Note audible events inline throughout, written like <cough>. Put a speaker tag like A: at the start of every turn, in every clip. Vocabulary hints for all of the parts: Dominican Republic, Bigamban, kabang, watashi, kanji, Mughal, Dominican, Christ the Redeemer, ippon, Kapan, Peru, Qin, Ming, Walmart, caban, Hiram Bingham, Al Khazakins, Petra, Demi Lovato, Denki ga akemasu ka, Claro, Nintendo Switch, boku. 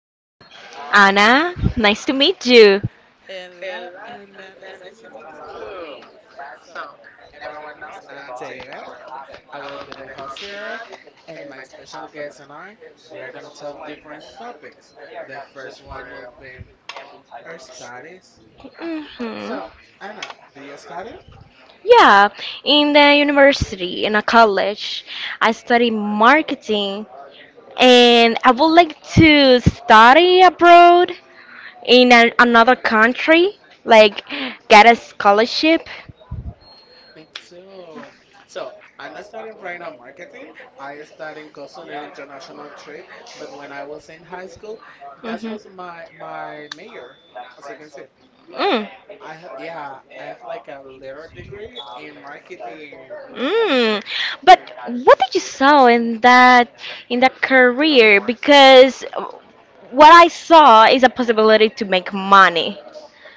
A: Anna, nice to meet you.
B: Hello, Anna. Nice to meet you too. So, everyone knows I'm David. I will be the host here, and my special guest and I, we are gonna talk different topics. The first one will be our studies.
A: Hmm.
B: So, Anna, do you study?
A: Yeah, in the university, in a college, I study marketing and I would like to study abroad in another country, like get a scholarship.
B: Me too. So I'm not studying right now marketing. I studying custom and international trade. But when I was in high school, that
A: Mhm.
B: was my major, as I can say,
A: Mm,
B: I have yeah, I have like a little degree in marketing.
A: mm. But what did you saw in that career? Because what I saw is a possibility to make money.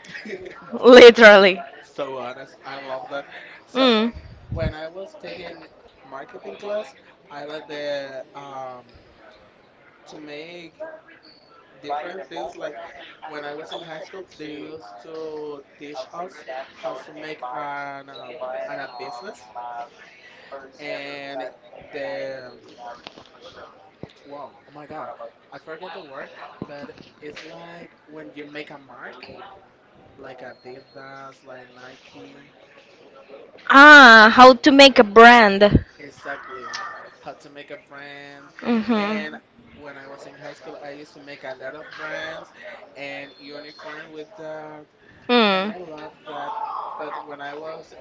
B: <laughs>
A: Literally.
B: So honest, I love that. So
A: Mm.
B: when I was taking marketing class, I like the to make different things. Like when I was in high school, they used to teach us how to make an a business, and the wow, oh my God, I forget the word, but it's like when you make a mark, like Adidas, like Nike,
A: Ah, how to make a brand.
B: exactly, how to make a brand, and
A: Mm-hmm.
B: when I was in high school, I used to make a lot of brands and uniform with that. And
A: Mm.
B: I love that that when I was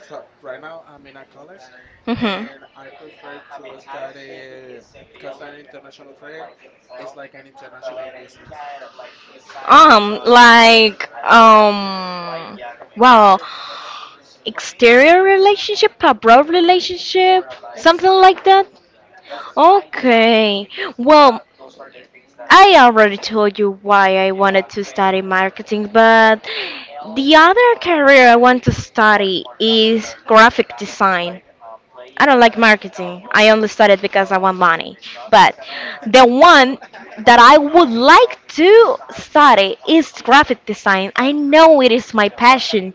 B: so right now I'm in a college
A: Mm-hmm.
B: and I prefer to study customer international trade. It's like an international business.
A: Like, wow, exterior relationship, abroad relationship, something like
B: Exactly.
A: that.
B: Exactly.
A: Okay, well, I already told you why I wanted to study marketing, but the other career I want to study is graphic design. I don't like marketing. I only studied because I want money. But the one that I would like to study is graphic design. I know it is my passion,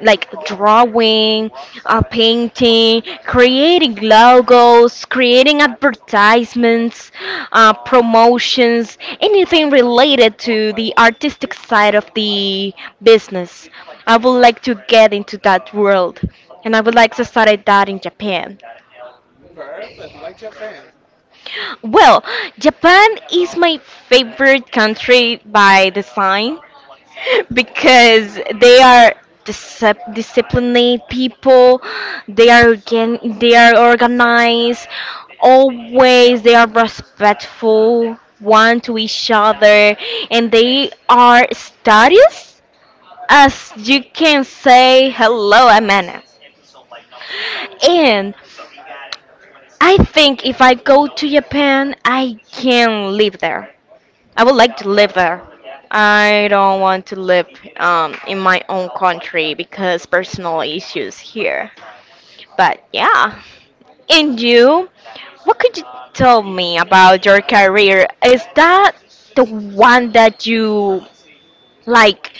A: like drawing, painting, creating logos, creating advertisements, promotions, anything related to the artistic side of the business. I would like to get into that world. And I would like to start that in Japan.
B: Perfect. Why Japan?
A: Well, Japan is my favorite country by design <laughs>
B: Okay.
A: because they are disciplined people. They are organized. Always they are respectful one to each other, and they are studious, as you can say, hello Amana. And I think if I go to Japan, I can live there. I would like to live there. I don't want to live in my own country because personal issues here. But yeah. And you, what could you tell me about your career? Is that the one that you like?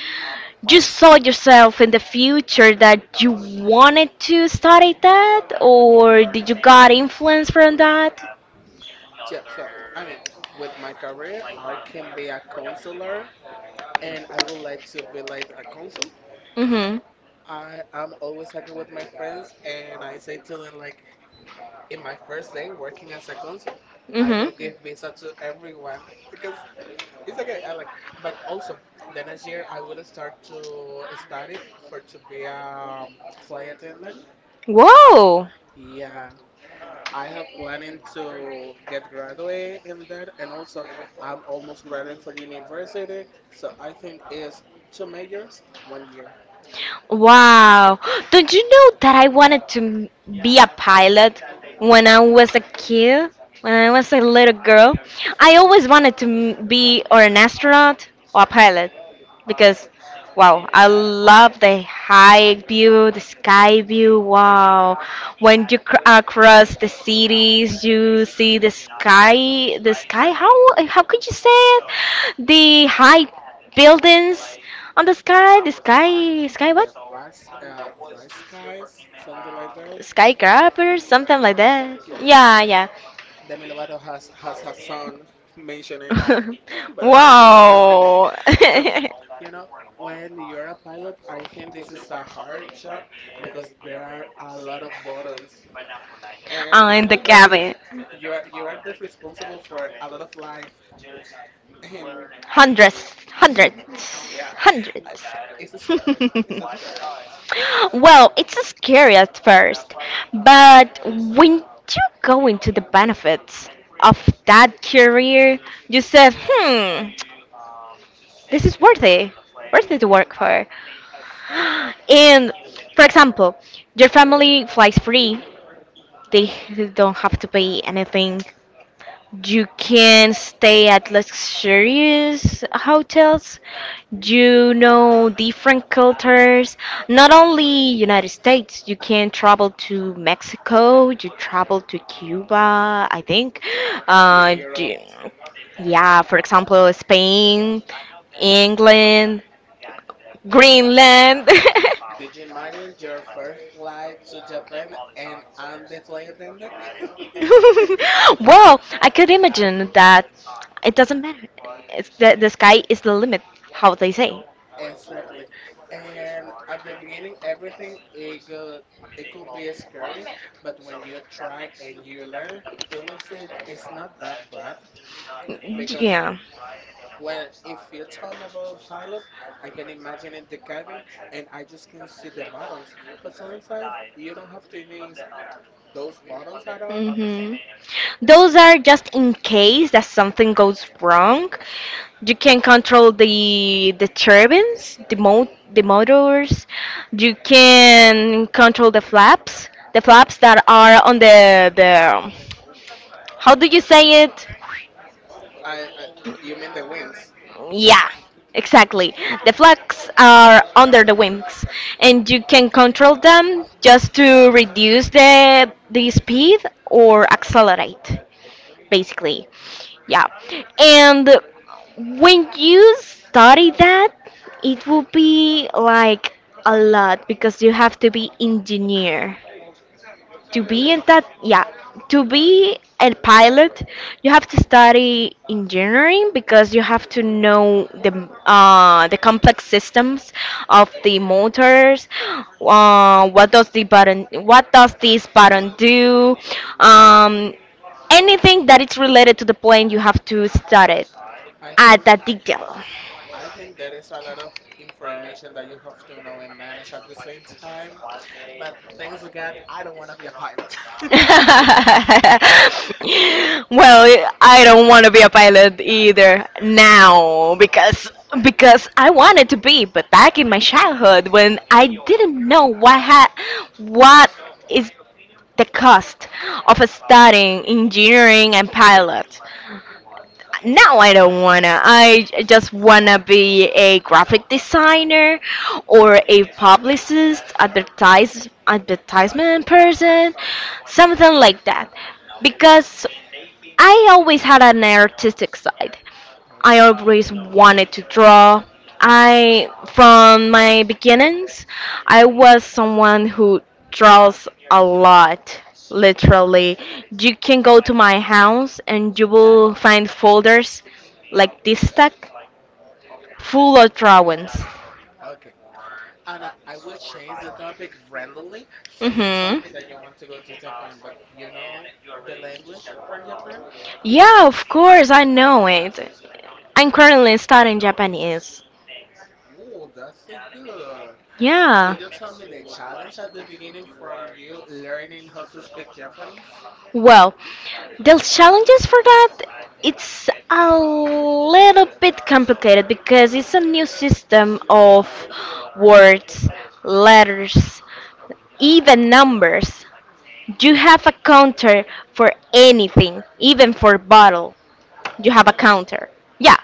A: You saw yourself in the future that you wanted to study that, or did you got influence from that?
B: Yeah, so I mean, with my career, I can be a counselor and I would like to be like a consul.
A: Mhm.
B: I am always talking with my friends and I say to them like, in my first day working as a consul, I will
A: Mhm.
B: give visa to everyone because it's okay. I like, but also the next year I will start to study for to be a flight attendant.
A: Whoa.
B: Yeah, I have planning to get graduate in that, and also I'm almost graduating for university, so I think it's two majors, 1 year.
A: Wow. Don't you know that I wanted to be a pilot when I was a kid? When I was a little girl, I always wanted to be or an astronaut or a pilot because wow, I love the high view, the sky view. Wow. When you across the cities, you see the sky, the sky. How could you say it? The high buildings on the sky, sky what?
B: The rice, rice guys, something like that.
A: Skyscraper, something like that.
B: Yeah,
A: Yeah, yeah.
B: Demi Lovato has her son mentioning
A: <laughs>
B: but I don't remember the name.
A: Wow.
B: So,
A: <laughs>
B: you know, when you're a pilot, I think this is a hard job because there are a lot of buttons, and I
A: I'm the
B: don't know,
A: cabin.
B: you are the responsible for a lot of life, and
A: Hundreds, hundreds,
B: <laughs> yeah, I,
A: hundreds.
B: it's scary. It's scary
A: <laughs> Well, it's scary at first, but when you go into the benefits of that career, you said, this is worthy, worthy to work for. <gasps> And for example, your family flies free. They don't have to pay anything. You can stay at luxurious hotels. You know different cultures. Not only United States, you can travel to Mexico. You travel to Cuba, I think.
B: to
A: Uh,
B: Europe.
A: do- yeah, for example, Spain, England, Greenland.
B: Did you imagine your first flight to Japan and I'm the flight
A: <laughs>
B: attendant?
A: <laughs> Well, I could imagine that it doesn't matter. It's the sky is the limit, how they say.
B: Exactly. And at the beginning, everything it go, it could be scary, but when you try and you learn, you will see it, it's not that bad. Because
A: Yeah.
B: when if you tell me about pilot, I can imagine in the cabin and I just can see the buttons. But sometimes you don't have to use those buttons at all.
A: Hmm. Those are just in case that something goes wrong. You can control the turbines, the motors. You can control the flaps that are on the. How do you say it?
B: I you mean the wings?
A: Yeah, exactly. The flags are under the wings, and you can control them just to reduce the speed or accelerate, basically. Yeah, and when you study that, it will be like a lot because you have to be engineer to
B: Really?
A: be in that. Yeah. To be a pilot you have to study engineering because you have to know the complex systems of the motors. What does this button do? Um, anything that is related to the plane you have to study it
B: I
A: at
B: think.
A: that detail.
B: I think there is a lot of information that you have to know and manage at the same time. But thanks God, I don't want to be a pilot.
A: <laughs> Well, I don't want to be a pilot either now because I wanted to be, but back in my childhood when I didn't know what is the cost of studying engineering and pilot. No, I don't wanna. I just wanna be a graphic designer or a publicist, advertisement person, something like that. Because I always had an artistic side. I always wanted to draw. I, from my beginnings, I was someone who draws a lot, literally. You can go to my house and you will find folders like this stack full of drawings.
B: <laughs> okay. Anna, I will change the topic randomly. So you told
A: Mhm.
B: me that you want to go to Japan, but you know the language from Japan?
A: Yeah, of course, I know it. I'm currently studying Japanese.
B: Oh, that's so good. Could
A: Yeah.
B: you tell me the challenge at the beginning for you learning how to speak Japanese?
A: Well, the challenges for that, it's a little bit complicated because it's a new system of words, letters, even numbers. You have a counter for anything, even for bottle. You have a
B: Really?
A: counter. Yeah,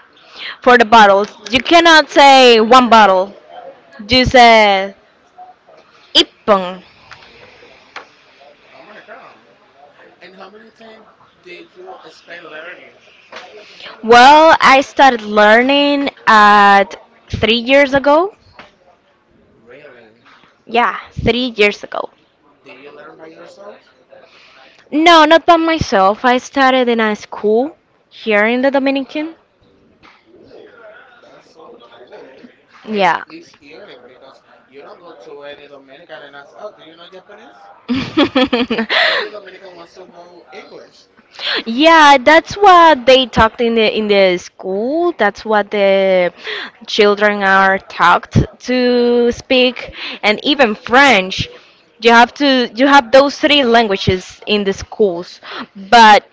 A: for the bottles. You cannot say one bottle. You say ippon.
B: Oh my God. And how many times did you spend learning?
A: Well, I started learning at 3 years ago.
B: Really?
A: Yeah, three
B: The
A: years ago.
B: Do you learn by yourself?
A: No, not by myself. I started in a school here in the Dominican.
B: Ooh, that's so cool. And
A: Yeah.
B: it's unique because you don't go to any Dominican and ask, "Oh, do you know Japanese?" Every
A: <laughs>
B: Dominican wants to know English.
A: Yeah, that's what they talked in the school. That's what the children are taught to speak, and even French. You have those three languages in the schools, but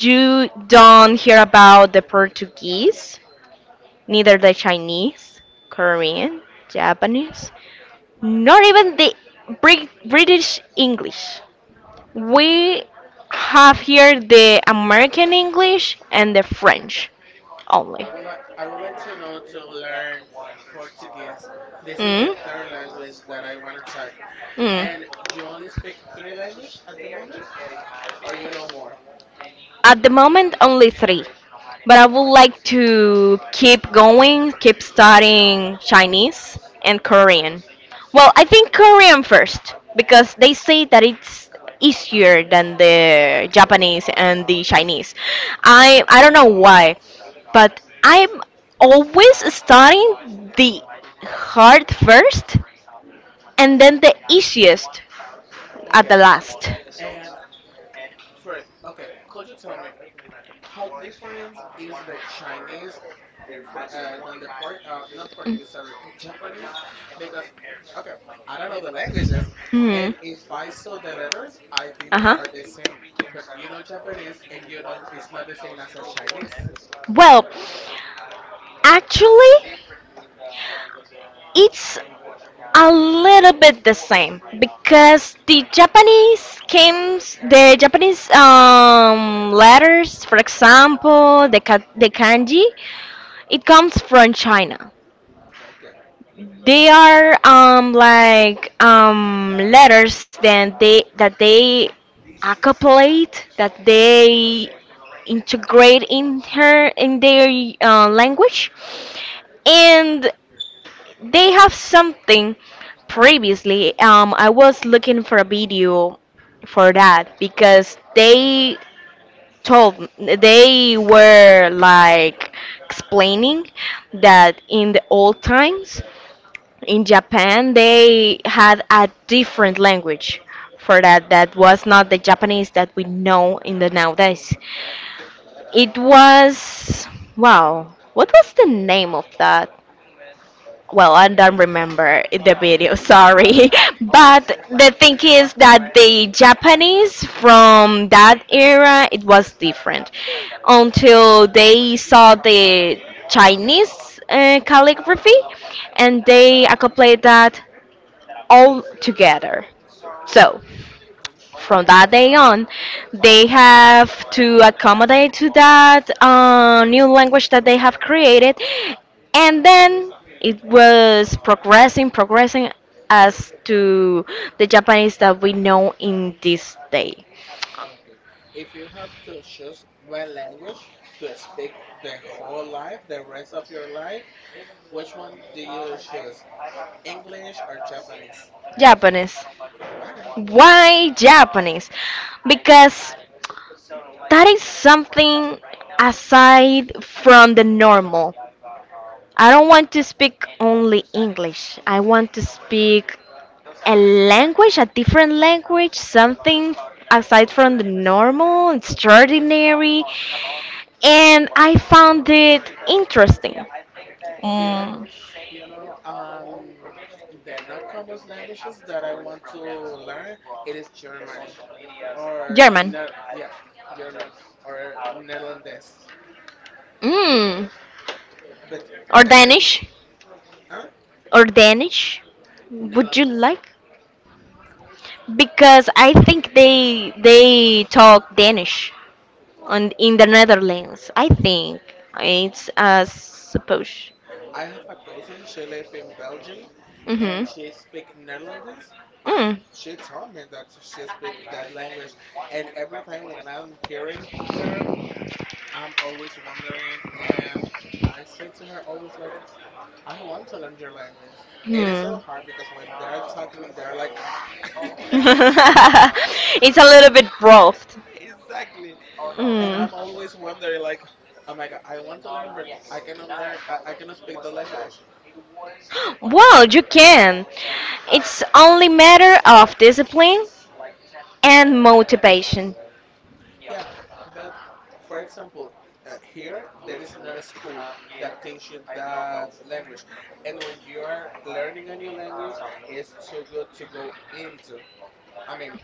A: you don't hear about the Portuguese neither the Chinese, Korean, Japanese, nor even the British English. We have here the American English and the French
B: I
A: only.
B: would like I would like to know to learn Portuguese. This is the
A: Mm.
B: third language that I want to check. And you only speak three
A: Mm.
B: languages at the moment, or you know more?
A: At the moment, only three. But I would like to keep going, keep studying Chinese and Korean. Well, I think Korean first because they say that it's easier than the Japanese and the Chinese. I don't know why, but I'm always studying the hard first and then the easiest at the
B: Okay.
A: last.
B: And for okay, could you tell me how different is the Chinese than the not
A: Mm.
B: Portuguese, sorry, <laughs> Japanese, because okay, I don't know the languages, and
A: Hmm.
B: if I saw the letters, I think are the same. But you know Japanese, and you know it's not the same as a Chinese.
A: Well, actually, it's a little bit the same because the Japanese schemes, the Japanese letters, for example, the kanji, it comes from China.
B: Okay,
A: They are like letters then they that they accopulate, that they integrate in their language, and they have something previously. I was looking for a video for that because they told they were like explaining that in the old times in Japan they had a different language for that that was not the Japanese that we know in the nowadays. It was wow. What was the name of that? Well, I don't remember the video, sorry. <laughs> But the thing is that the Japanese from that era, it was different. Until they saw the Chinese calligraphy and they accomplished that all together. So, from that day on, they have to accommodate to that new language that they have created, and then it was progressing, progressing as to the Japanese that we know in this day.
B: okay. If you have to choose one language to speak the whole life, the rest of your life, which one do you choose, English or Japanese?
A: Japanese.
B: Why?
A: Why Japanese? Because that is something aside from the normal. I don't want to speak only English. I want to speak a language, a different language, something aside from the normal, extraordinary, and I found it interesting.
B: You know,
A: Mm.
B: You know, the not common languages that I want to learn, it is Germany or
A: German.
B: ne yeah, German or Netherlands.
A: Mm.
B: But
A: Or
B: everything,
A: Danish?
B: huh?
A: Or Danish? Would you
B: Netherlands.
A: like? Because I think they talk Danish on in the Netherlands. I think it's supposed.
B: I have a cousin. She lives in Belgium, and
A: Mhm.
B: she speaks Netherlands. I
A: Mm.
B: she told me that she speaks that language, and every time when I'm hearing her, I'm always wondering, and I say to her always like, I want to learn your language. It is so
A: Hmm.
B: hard because when they're talking, they're like, "Ah,"
A: <laughs> It's a little bit rough.
B: exactly. And I'm
A: Mm.
B: always wondering, like, oh my God, I want to learn, but I cannot learn, I cannot speak the language.
A: Well, you can. It's only matter of discipline and motivation.
B: Yeah, but for example, here, there is not a school that teach you that language. And when you are learning a new language, it's so good to go into. I mean,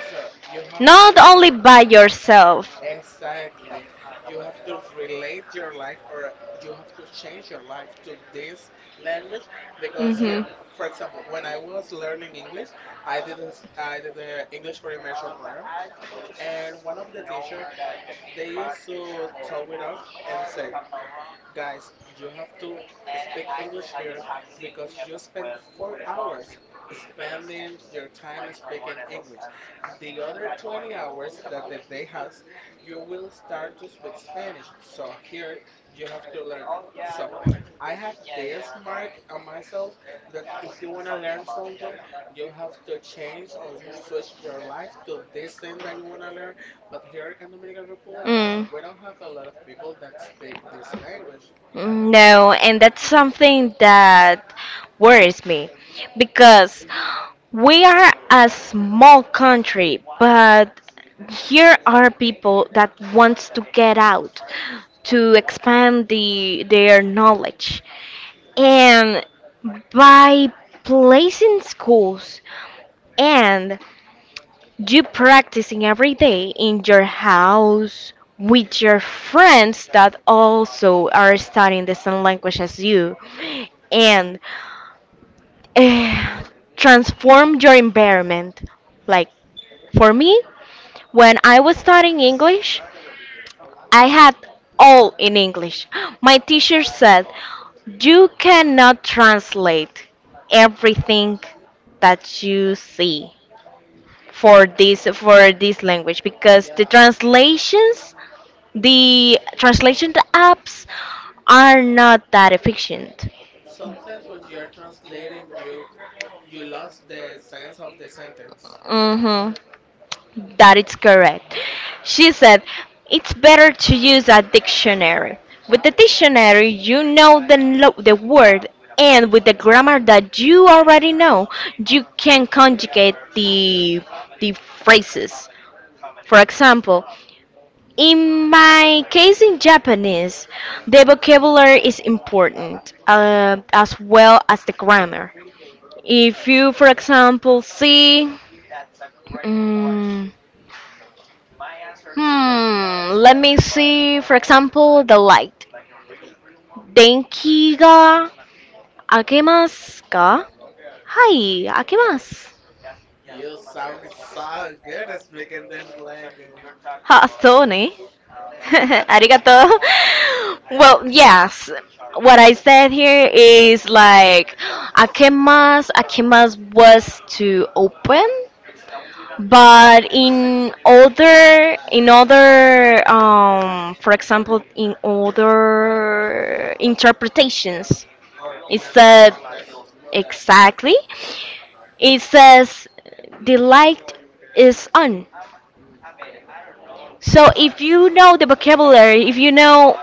B: so you have to.
A: Not only by yourself.
B: Exactly. You have to relate your life or you have to change your life to this language because here, for example, when I was learning English, I did the English for Immersion program and one of the teacher they used to talk with us and say, Guys, you have to speak English here because you spend 4 hours spending your time speaking English. The other 20 hours that the day has, you will start to speak Spanish. So here you have to learn. So I have this mark on myself that if you want to learn something, you have to change or switch your life to this thing that you want to learn. But here in Dominican Republic, we don't have a lot of people that speak this language.
A: Mm. No, and that's something that worries me because we are a small country, but here are people that wants to get out to expand their knowledge. And by placing schools and you practicing every day in your house with your friends that also are studying the same language as you and eh, transform your environment. Like for me, when I was studying English, I had all in English. My teacher said, "You cannot translate everything that you see for this language because the
B: Yeah,
A: translations the translation apps are not that efficient."
B: sometimes when you're translating, you lost the sense of the sentence.
A: Mm-hmm. That is correct, she said. It's better to use a dictionary. With the dictionary you know the word, and with the grammar that you already know, you can conjugate the phrases. For example, in my case in Japanese, the vocabulary is important as well as the grammar. If you, for example, see, mm, let me see, for example, the light.
B: Yeah,
A: Denki ga akemasu ka? Hai, akemasu.
B: you sound so good at speaking this language
A: Ha, so ne? <laughs> Arigato. Well, yes. What I said here is like Akemas. Akemas was to open, but for example, in other interpretations,
B: or
A: it
B: in another
A: said
B: context.
A: exactly. It says the light is on. So if you know the vocabulary, if you know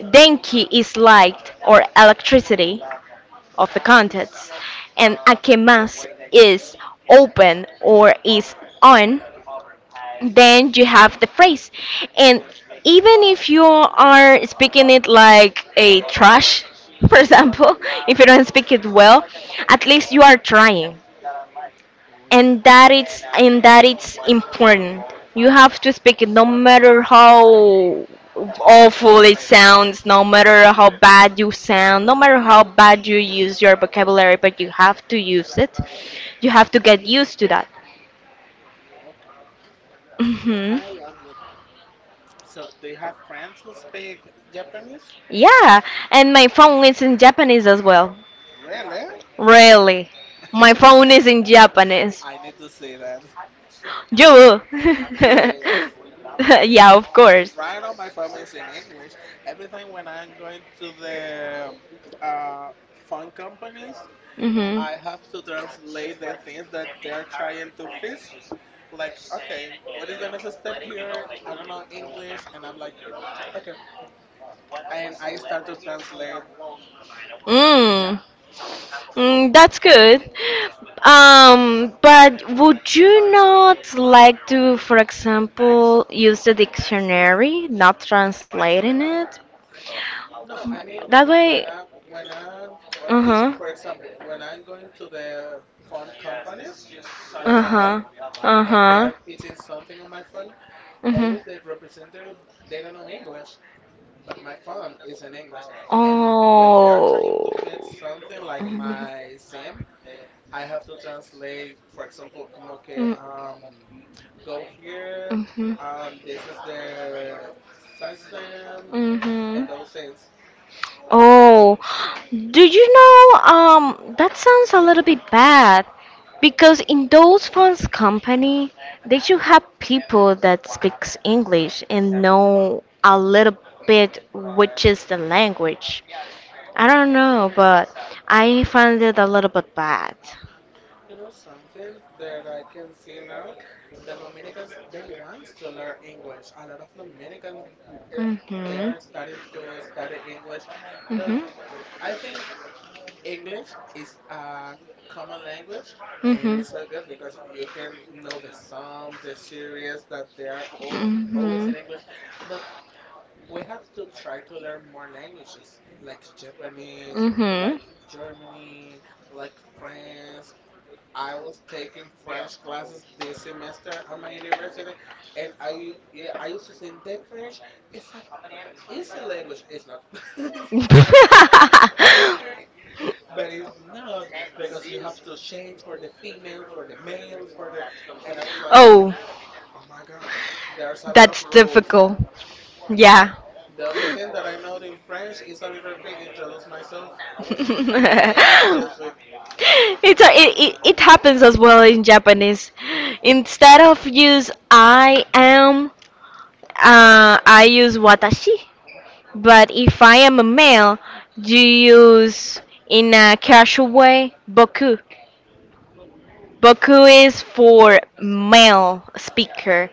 A: Denki is light or electricity of the contents, and akemas is open or is on. Then you have the phrase, and even if you are speaking it like a trash, <laughs> for example, if you don't speak it well, at least you are trying, and that it's important. You have to speak it, no matter how awful it sounds, no matter how bad you sound, no matter how bad you use your vocabulary, but you have to use it. You have to get used to that.
B: Okay,
A: Hmm.
B: I love that. So, do you have friends who speak Japanese?
A: Yeah, and my phone is in Japanese as well.
B: Really?
A: Really, my phone is in Japanese.
B: I need to see that,
A: You.
B: <laughs>
A: <laughs>
B: please.
A: Yeah, of course.
B: Right on my phone is in English. Everything when I'm going to the uh, phone companies,
A: Hmm.
B: I have to translate the things that they're trying to fix. Like, okay, what is the next step here? I don't know English, and I'm like, okay, and I start to translate.
A: Mm, mm, that's good. But would you not like to, for example, use the dictionary, not translating it?
B: No, I mean
A: That way,
B: when I'm
A: uh
B: teaching,
A: huh,
B: for example, when I'm going to the phone companies like
A: uh
B: Claro,
A: huh, uh
B: and they are
A: huh,
B: fixing something on my phone,
A: mhm.
B: always the representative they don't know English but my phone is in English and when they are trying
A: Oh.
B: to fix something like my SIM I have to translate, for example, como que
A: Mhm.
B: go here,
A: Mm. Mhm.
B: this is the system and
A: Mhm.
B: those things.
A: oh, do you know, that sounds a little bit bad because in those funds company, they should have people that speaks English and know a little bit which is the language. I don't know, but I find it a little bit bad.
B: You know something that I can see now, the Dominicans they want to learn English, a lot of Dominicans eh, they
A: Mhm.
B: are starting to study English
A: Mhm.
B: but
A: Mhm.
B: I think English is a common language and
A: Mhm. Mhm.
B: it's so good because you can know the songs, the series that they are all, always in English. But we have to try to learn more languages like Japanese, like Germany, like French. I was taking French classes this semester at my university, and I yeah, I used to think the French is a easy language. It's not. <laughs> sorry, sorry. But it's not because you have to change for the female, for the male, for the. And I was like,
A: <laughs> oh,
B: oh my God, there's a lot of
A: that's
B: rules.
A: difficult. Yeah.
B: The only thing that I know
A: <laughs>
B: in French is
A: it's
B: a little bit introduce myself, and it's just with,
A: a, it happens as well in Japanese. Instead of use I am, I use watashi. But if I am a male, you use in a casual way boku.
B: "Huh,
A: Boku is for male speaker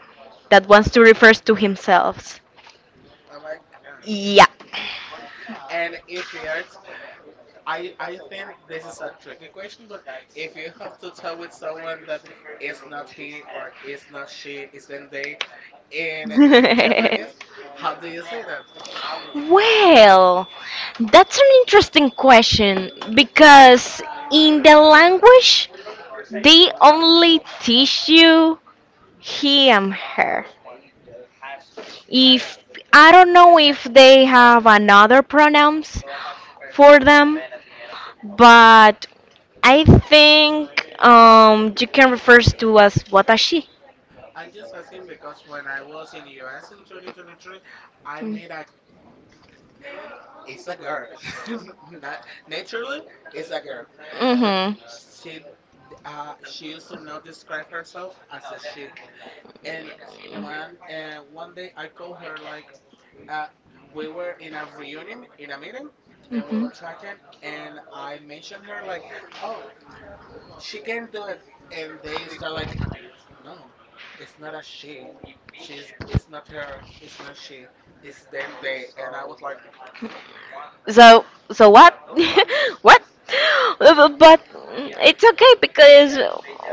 A: that
B: oh my
A: wants to
B: God,
A: refer to himself.
B: oh my God.
A: Yeah.
B: And if you're, I think this is a tricky question, but if you have to tell with someone that it's not he or it's not she, it's then they in
A: <laughs>
B: Japanese, how do you say that?
A: Well, that's an interesting question because in the language they only teach you he and her. If I don't know if they have another pronouns for them, but I think you can refer to as watashi.
B: I'm just asking because when I was in US in 2023, I made a it's a girl, <laughs> not naturally it's a girl, but
A: Mm-hmm.
B: she she used to not describe herself as a she. And one and one day I called her like uh, we were in a reunion in a meeting, and we
A: hmm
B: were talking, and I mentioned her like, oh, she can do it, and they start like No, it's not a she. She's it's not her, it's not she, it's them they and I was like,
A: So so what?
B: What?
A: <laughs> what? But it's okay because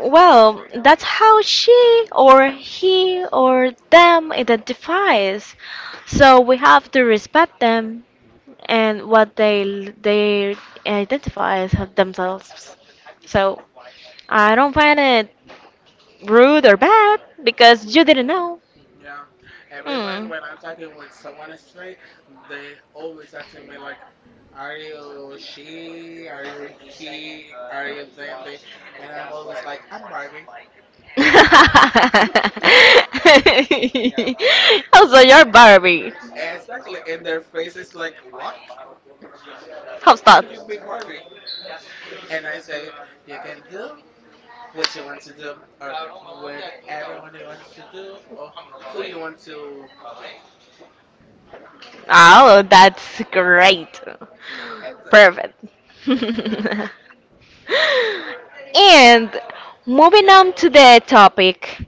A: well, that's how she or he or them identifies. So we have to respect them and what they identify as themselves. So I don't find it rude or bad because you didn't know.
B: Yeah. Every time when I'm talking with someone straight, they
A: Mm.
B: always asking me like, Are you she? Are you he? Are you them they and I'm always like, I'm Barbie.
A: <laughs> also, you're Barbie.
B: Exactly. And their face is like, What? How
A: How's that?
B: can you be Barbie? And I say, You can do what you want to do or what everyone you want to do or who you want to be.
A: Oh, that's great.
B: Exactly.
A: Perfect. <laughs> And moving on to the topic,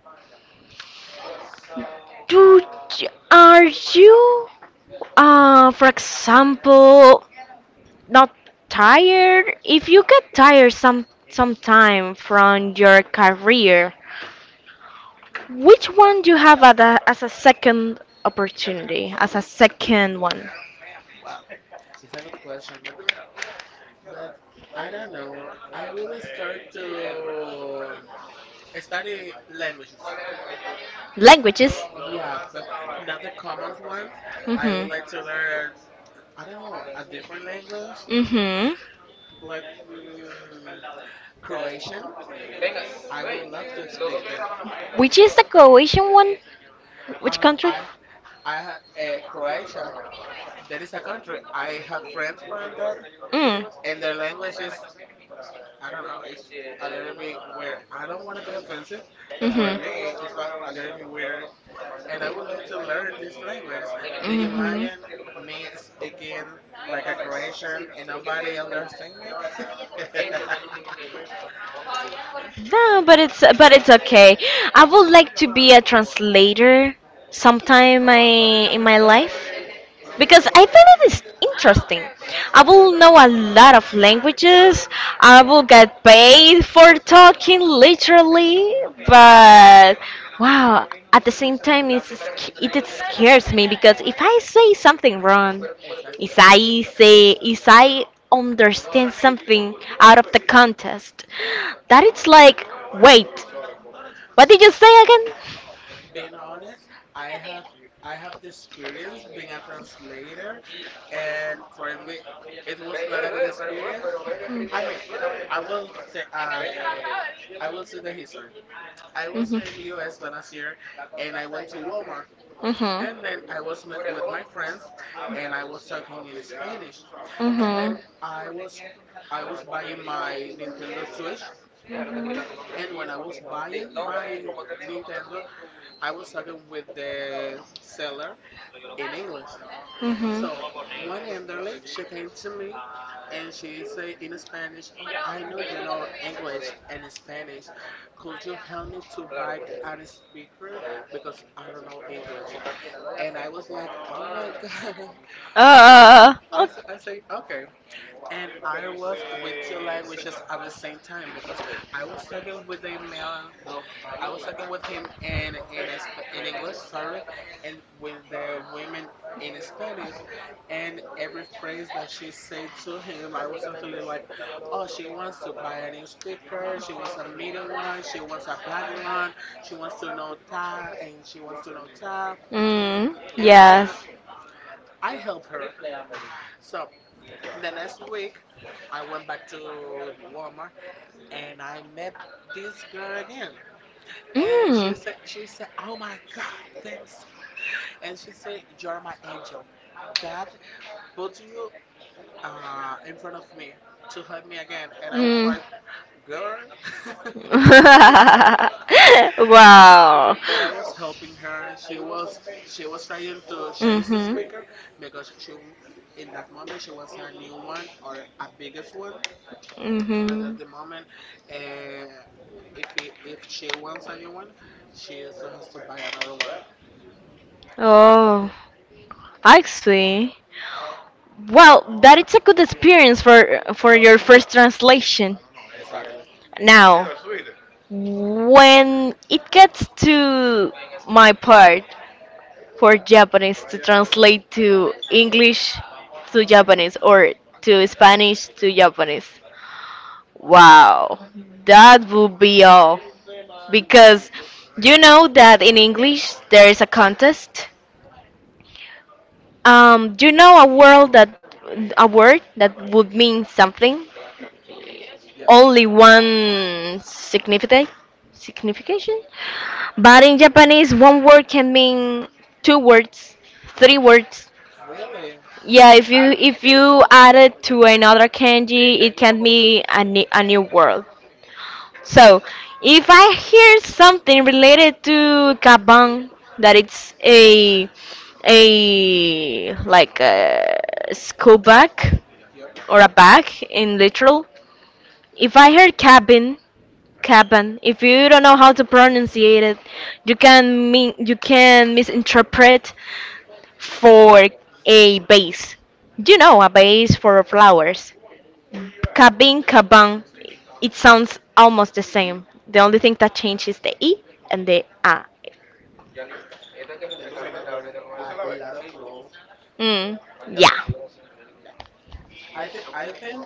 A: do are you, for example, not tired? If you get tired sometime from your career, which one do you have as a second opportunity, as a second one?
B: Wow. It's a good question. But I don't know. I will start to study languages.
A: Languages.
B: Yeah, but not the common ones. I would
A: Mhm.
B: like to learn, I don't know, a different language,
A: Mhm.
B: like Croatian. I would love to speak that.
A: Which is the Croatian one? Which
B: Um,
A: country?
B: I ha- I have Croatia. There is a country I have friends from that,
A: Mm.
B: and their language is I don't know. It's a little bit weird. I don't want to be offensive, but for
A: Mhm.
B: me, it's a little bit weird. And I would like to learn this language. Do you imagine me speaking like a Croatian and nobody understand me? <laughs>
A: Mhm. <laughs> No, but it's okay. I would like to be a translator sometime in my life because I
B: Oh,
A: find it is interesting. I will know a lot of languages. I will get paid for talking literally, but wow, at the same time it's, sc- it scares me because if I say something wrong,
B: exactly.
A: if I understand something out of the contest, that it's like, wait, what did you say again?
B: Being honest, I have I have the experience being a translator, and for me, it was not a good experience. I mean, I will say, uh, I will say the history. I was in US
A: Mm-hmm.
B: the last year and I went to Walmart and then
A: Mm-hmm.
B: I was met with my friends and I was talking in Spanish and
A: And
B: then I was buying my Nintendo Switch
A: Mm-hmm.
B: and when I was buying my Nintendo I was talking with the seller in English. So one elderly, she came to me and she said in Spanish, Oh, I know you know English and Spanish. Could you help me to buy a speaker? Because I don't know English. And I was like, Oh my <laughs> God. Okay.
A: Oh,
B: I say, okay. And I was with two languages at the same time because I was talking with a man I was talking with him in English, sorry, and with the women in Spanish, and every phrase that she said to him, I was something like, "Oh, she wants to buy a new speaker. She wants a medium one. She wants a black one. She wants to know Thai, and she wants to know Thai."
A: Mm.
B: And then
A: Yes.
B: I helped her. So the next week, I went back to Walmart and I met this girl again. And
A: Mm.
B: she said, "Oh my God, thanks. And she said, You're my angel. God put you in front of me to help me again. And I was
A: Mm.
B: like, Girl,
A: <laughs> wow.
B: but I was helping her. She was trying to change the speaker
A: Mhm.
B: because in that moment she wants a new one or a biggest one. But at
A: Mhm.
B: the moment, uh, if it, if she wants a new one, she still has to buy another one.
A: Oh, I see. Well, that is a good experience for your first translation.
B: Exactly.
A: Now, when it gets to my part for Japanese to translate to English to Japanese or to Spanish to Japanese, wow, that would be all. Because you know that in English there is a contest. You know a word that would mean something
B: Yep.
A: only one significant signification. But in Japanese, one word can mean two words, three
B: Mm,
A: words.
B: really?
A: Yeah, if you add it to another kanji, it can be a new word. So, if I hear something related to kabang, that it's a like a school bag
B: Yep.
A: or a bag in literal. If I heard cabin, Kapan. If you don't know how to pronunciate it, you can misinterpret for a base. You know, a base for flowers. Cabin, caban. It sounds almost the same. The only thing that changes the e and the a.
B: There is another a lot of rules.
A: Mm,
B: Uh,
A: yeah.
B: no, I think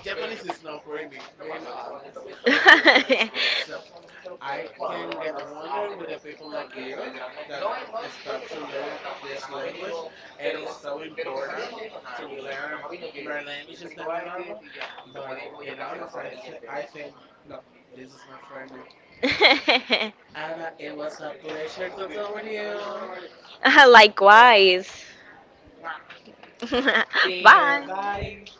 B: Japanese is not for me. Being honest, so I can get wonder with the people like you that start to learn this language, and it's so important to learn more languages than the normal. But being honest, I think no, this is not for me. Anna, it was a pleasure to talk with you.
A: <laughs> Likewise.
B: Lock.
A: <laughs>
B: See ya.
A: Bye.
B: Bye.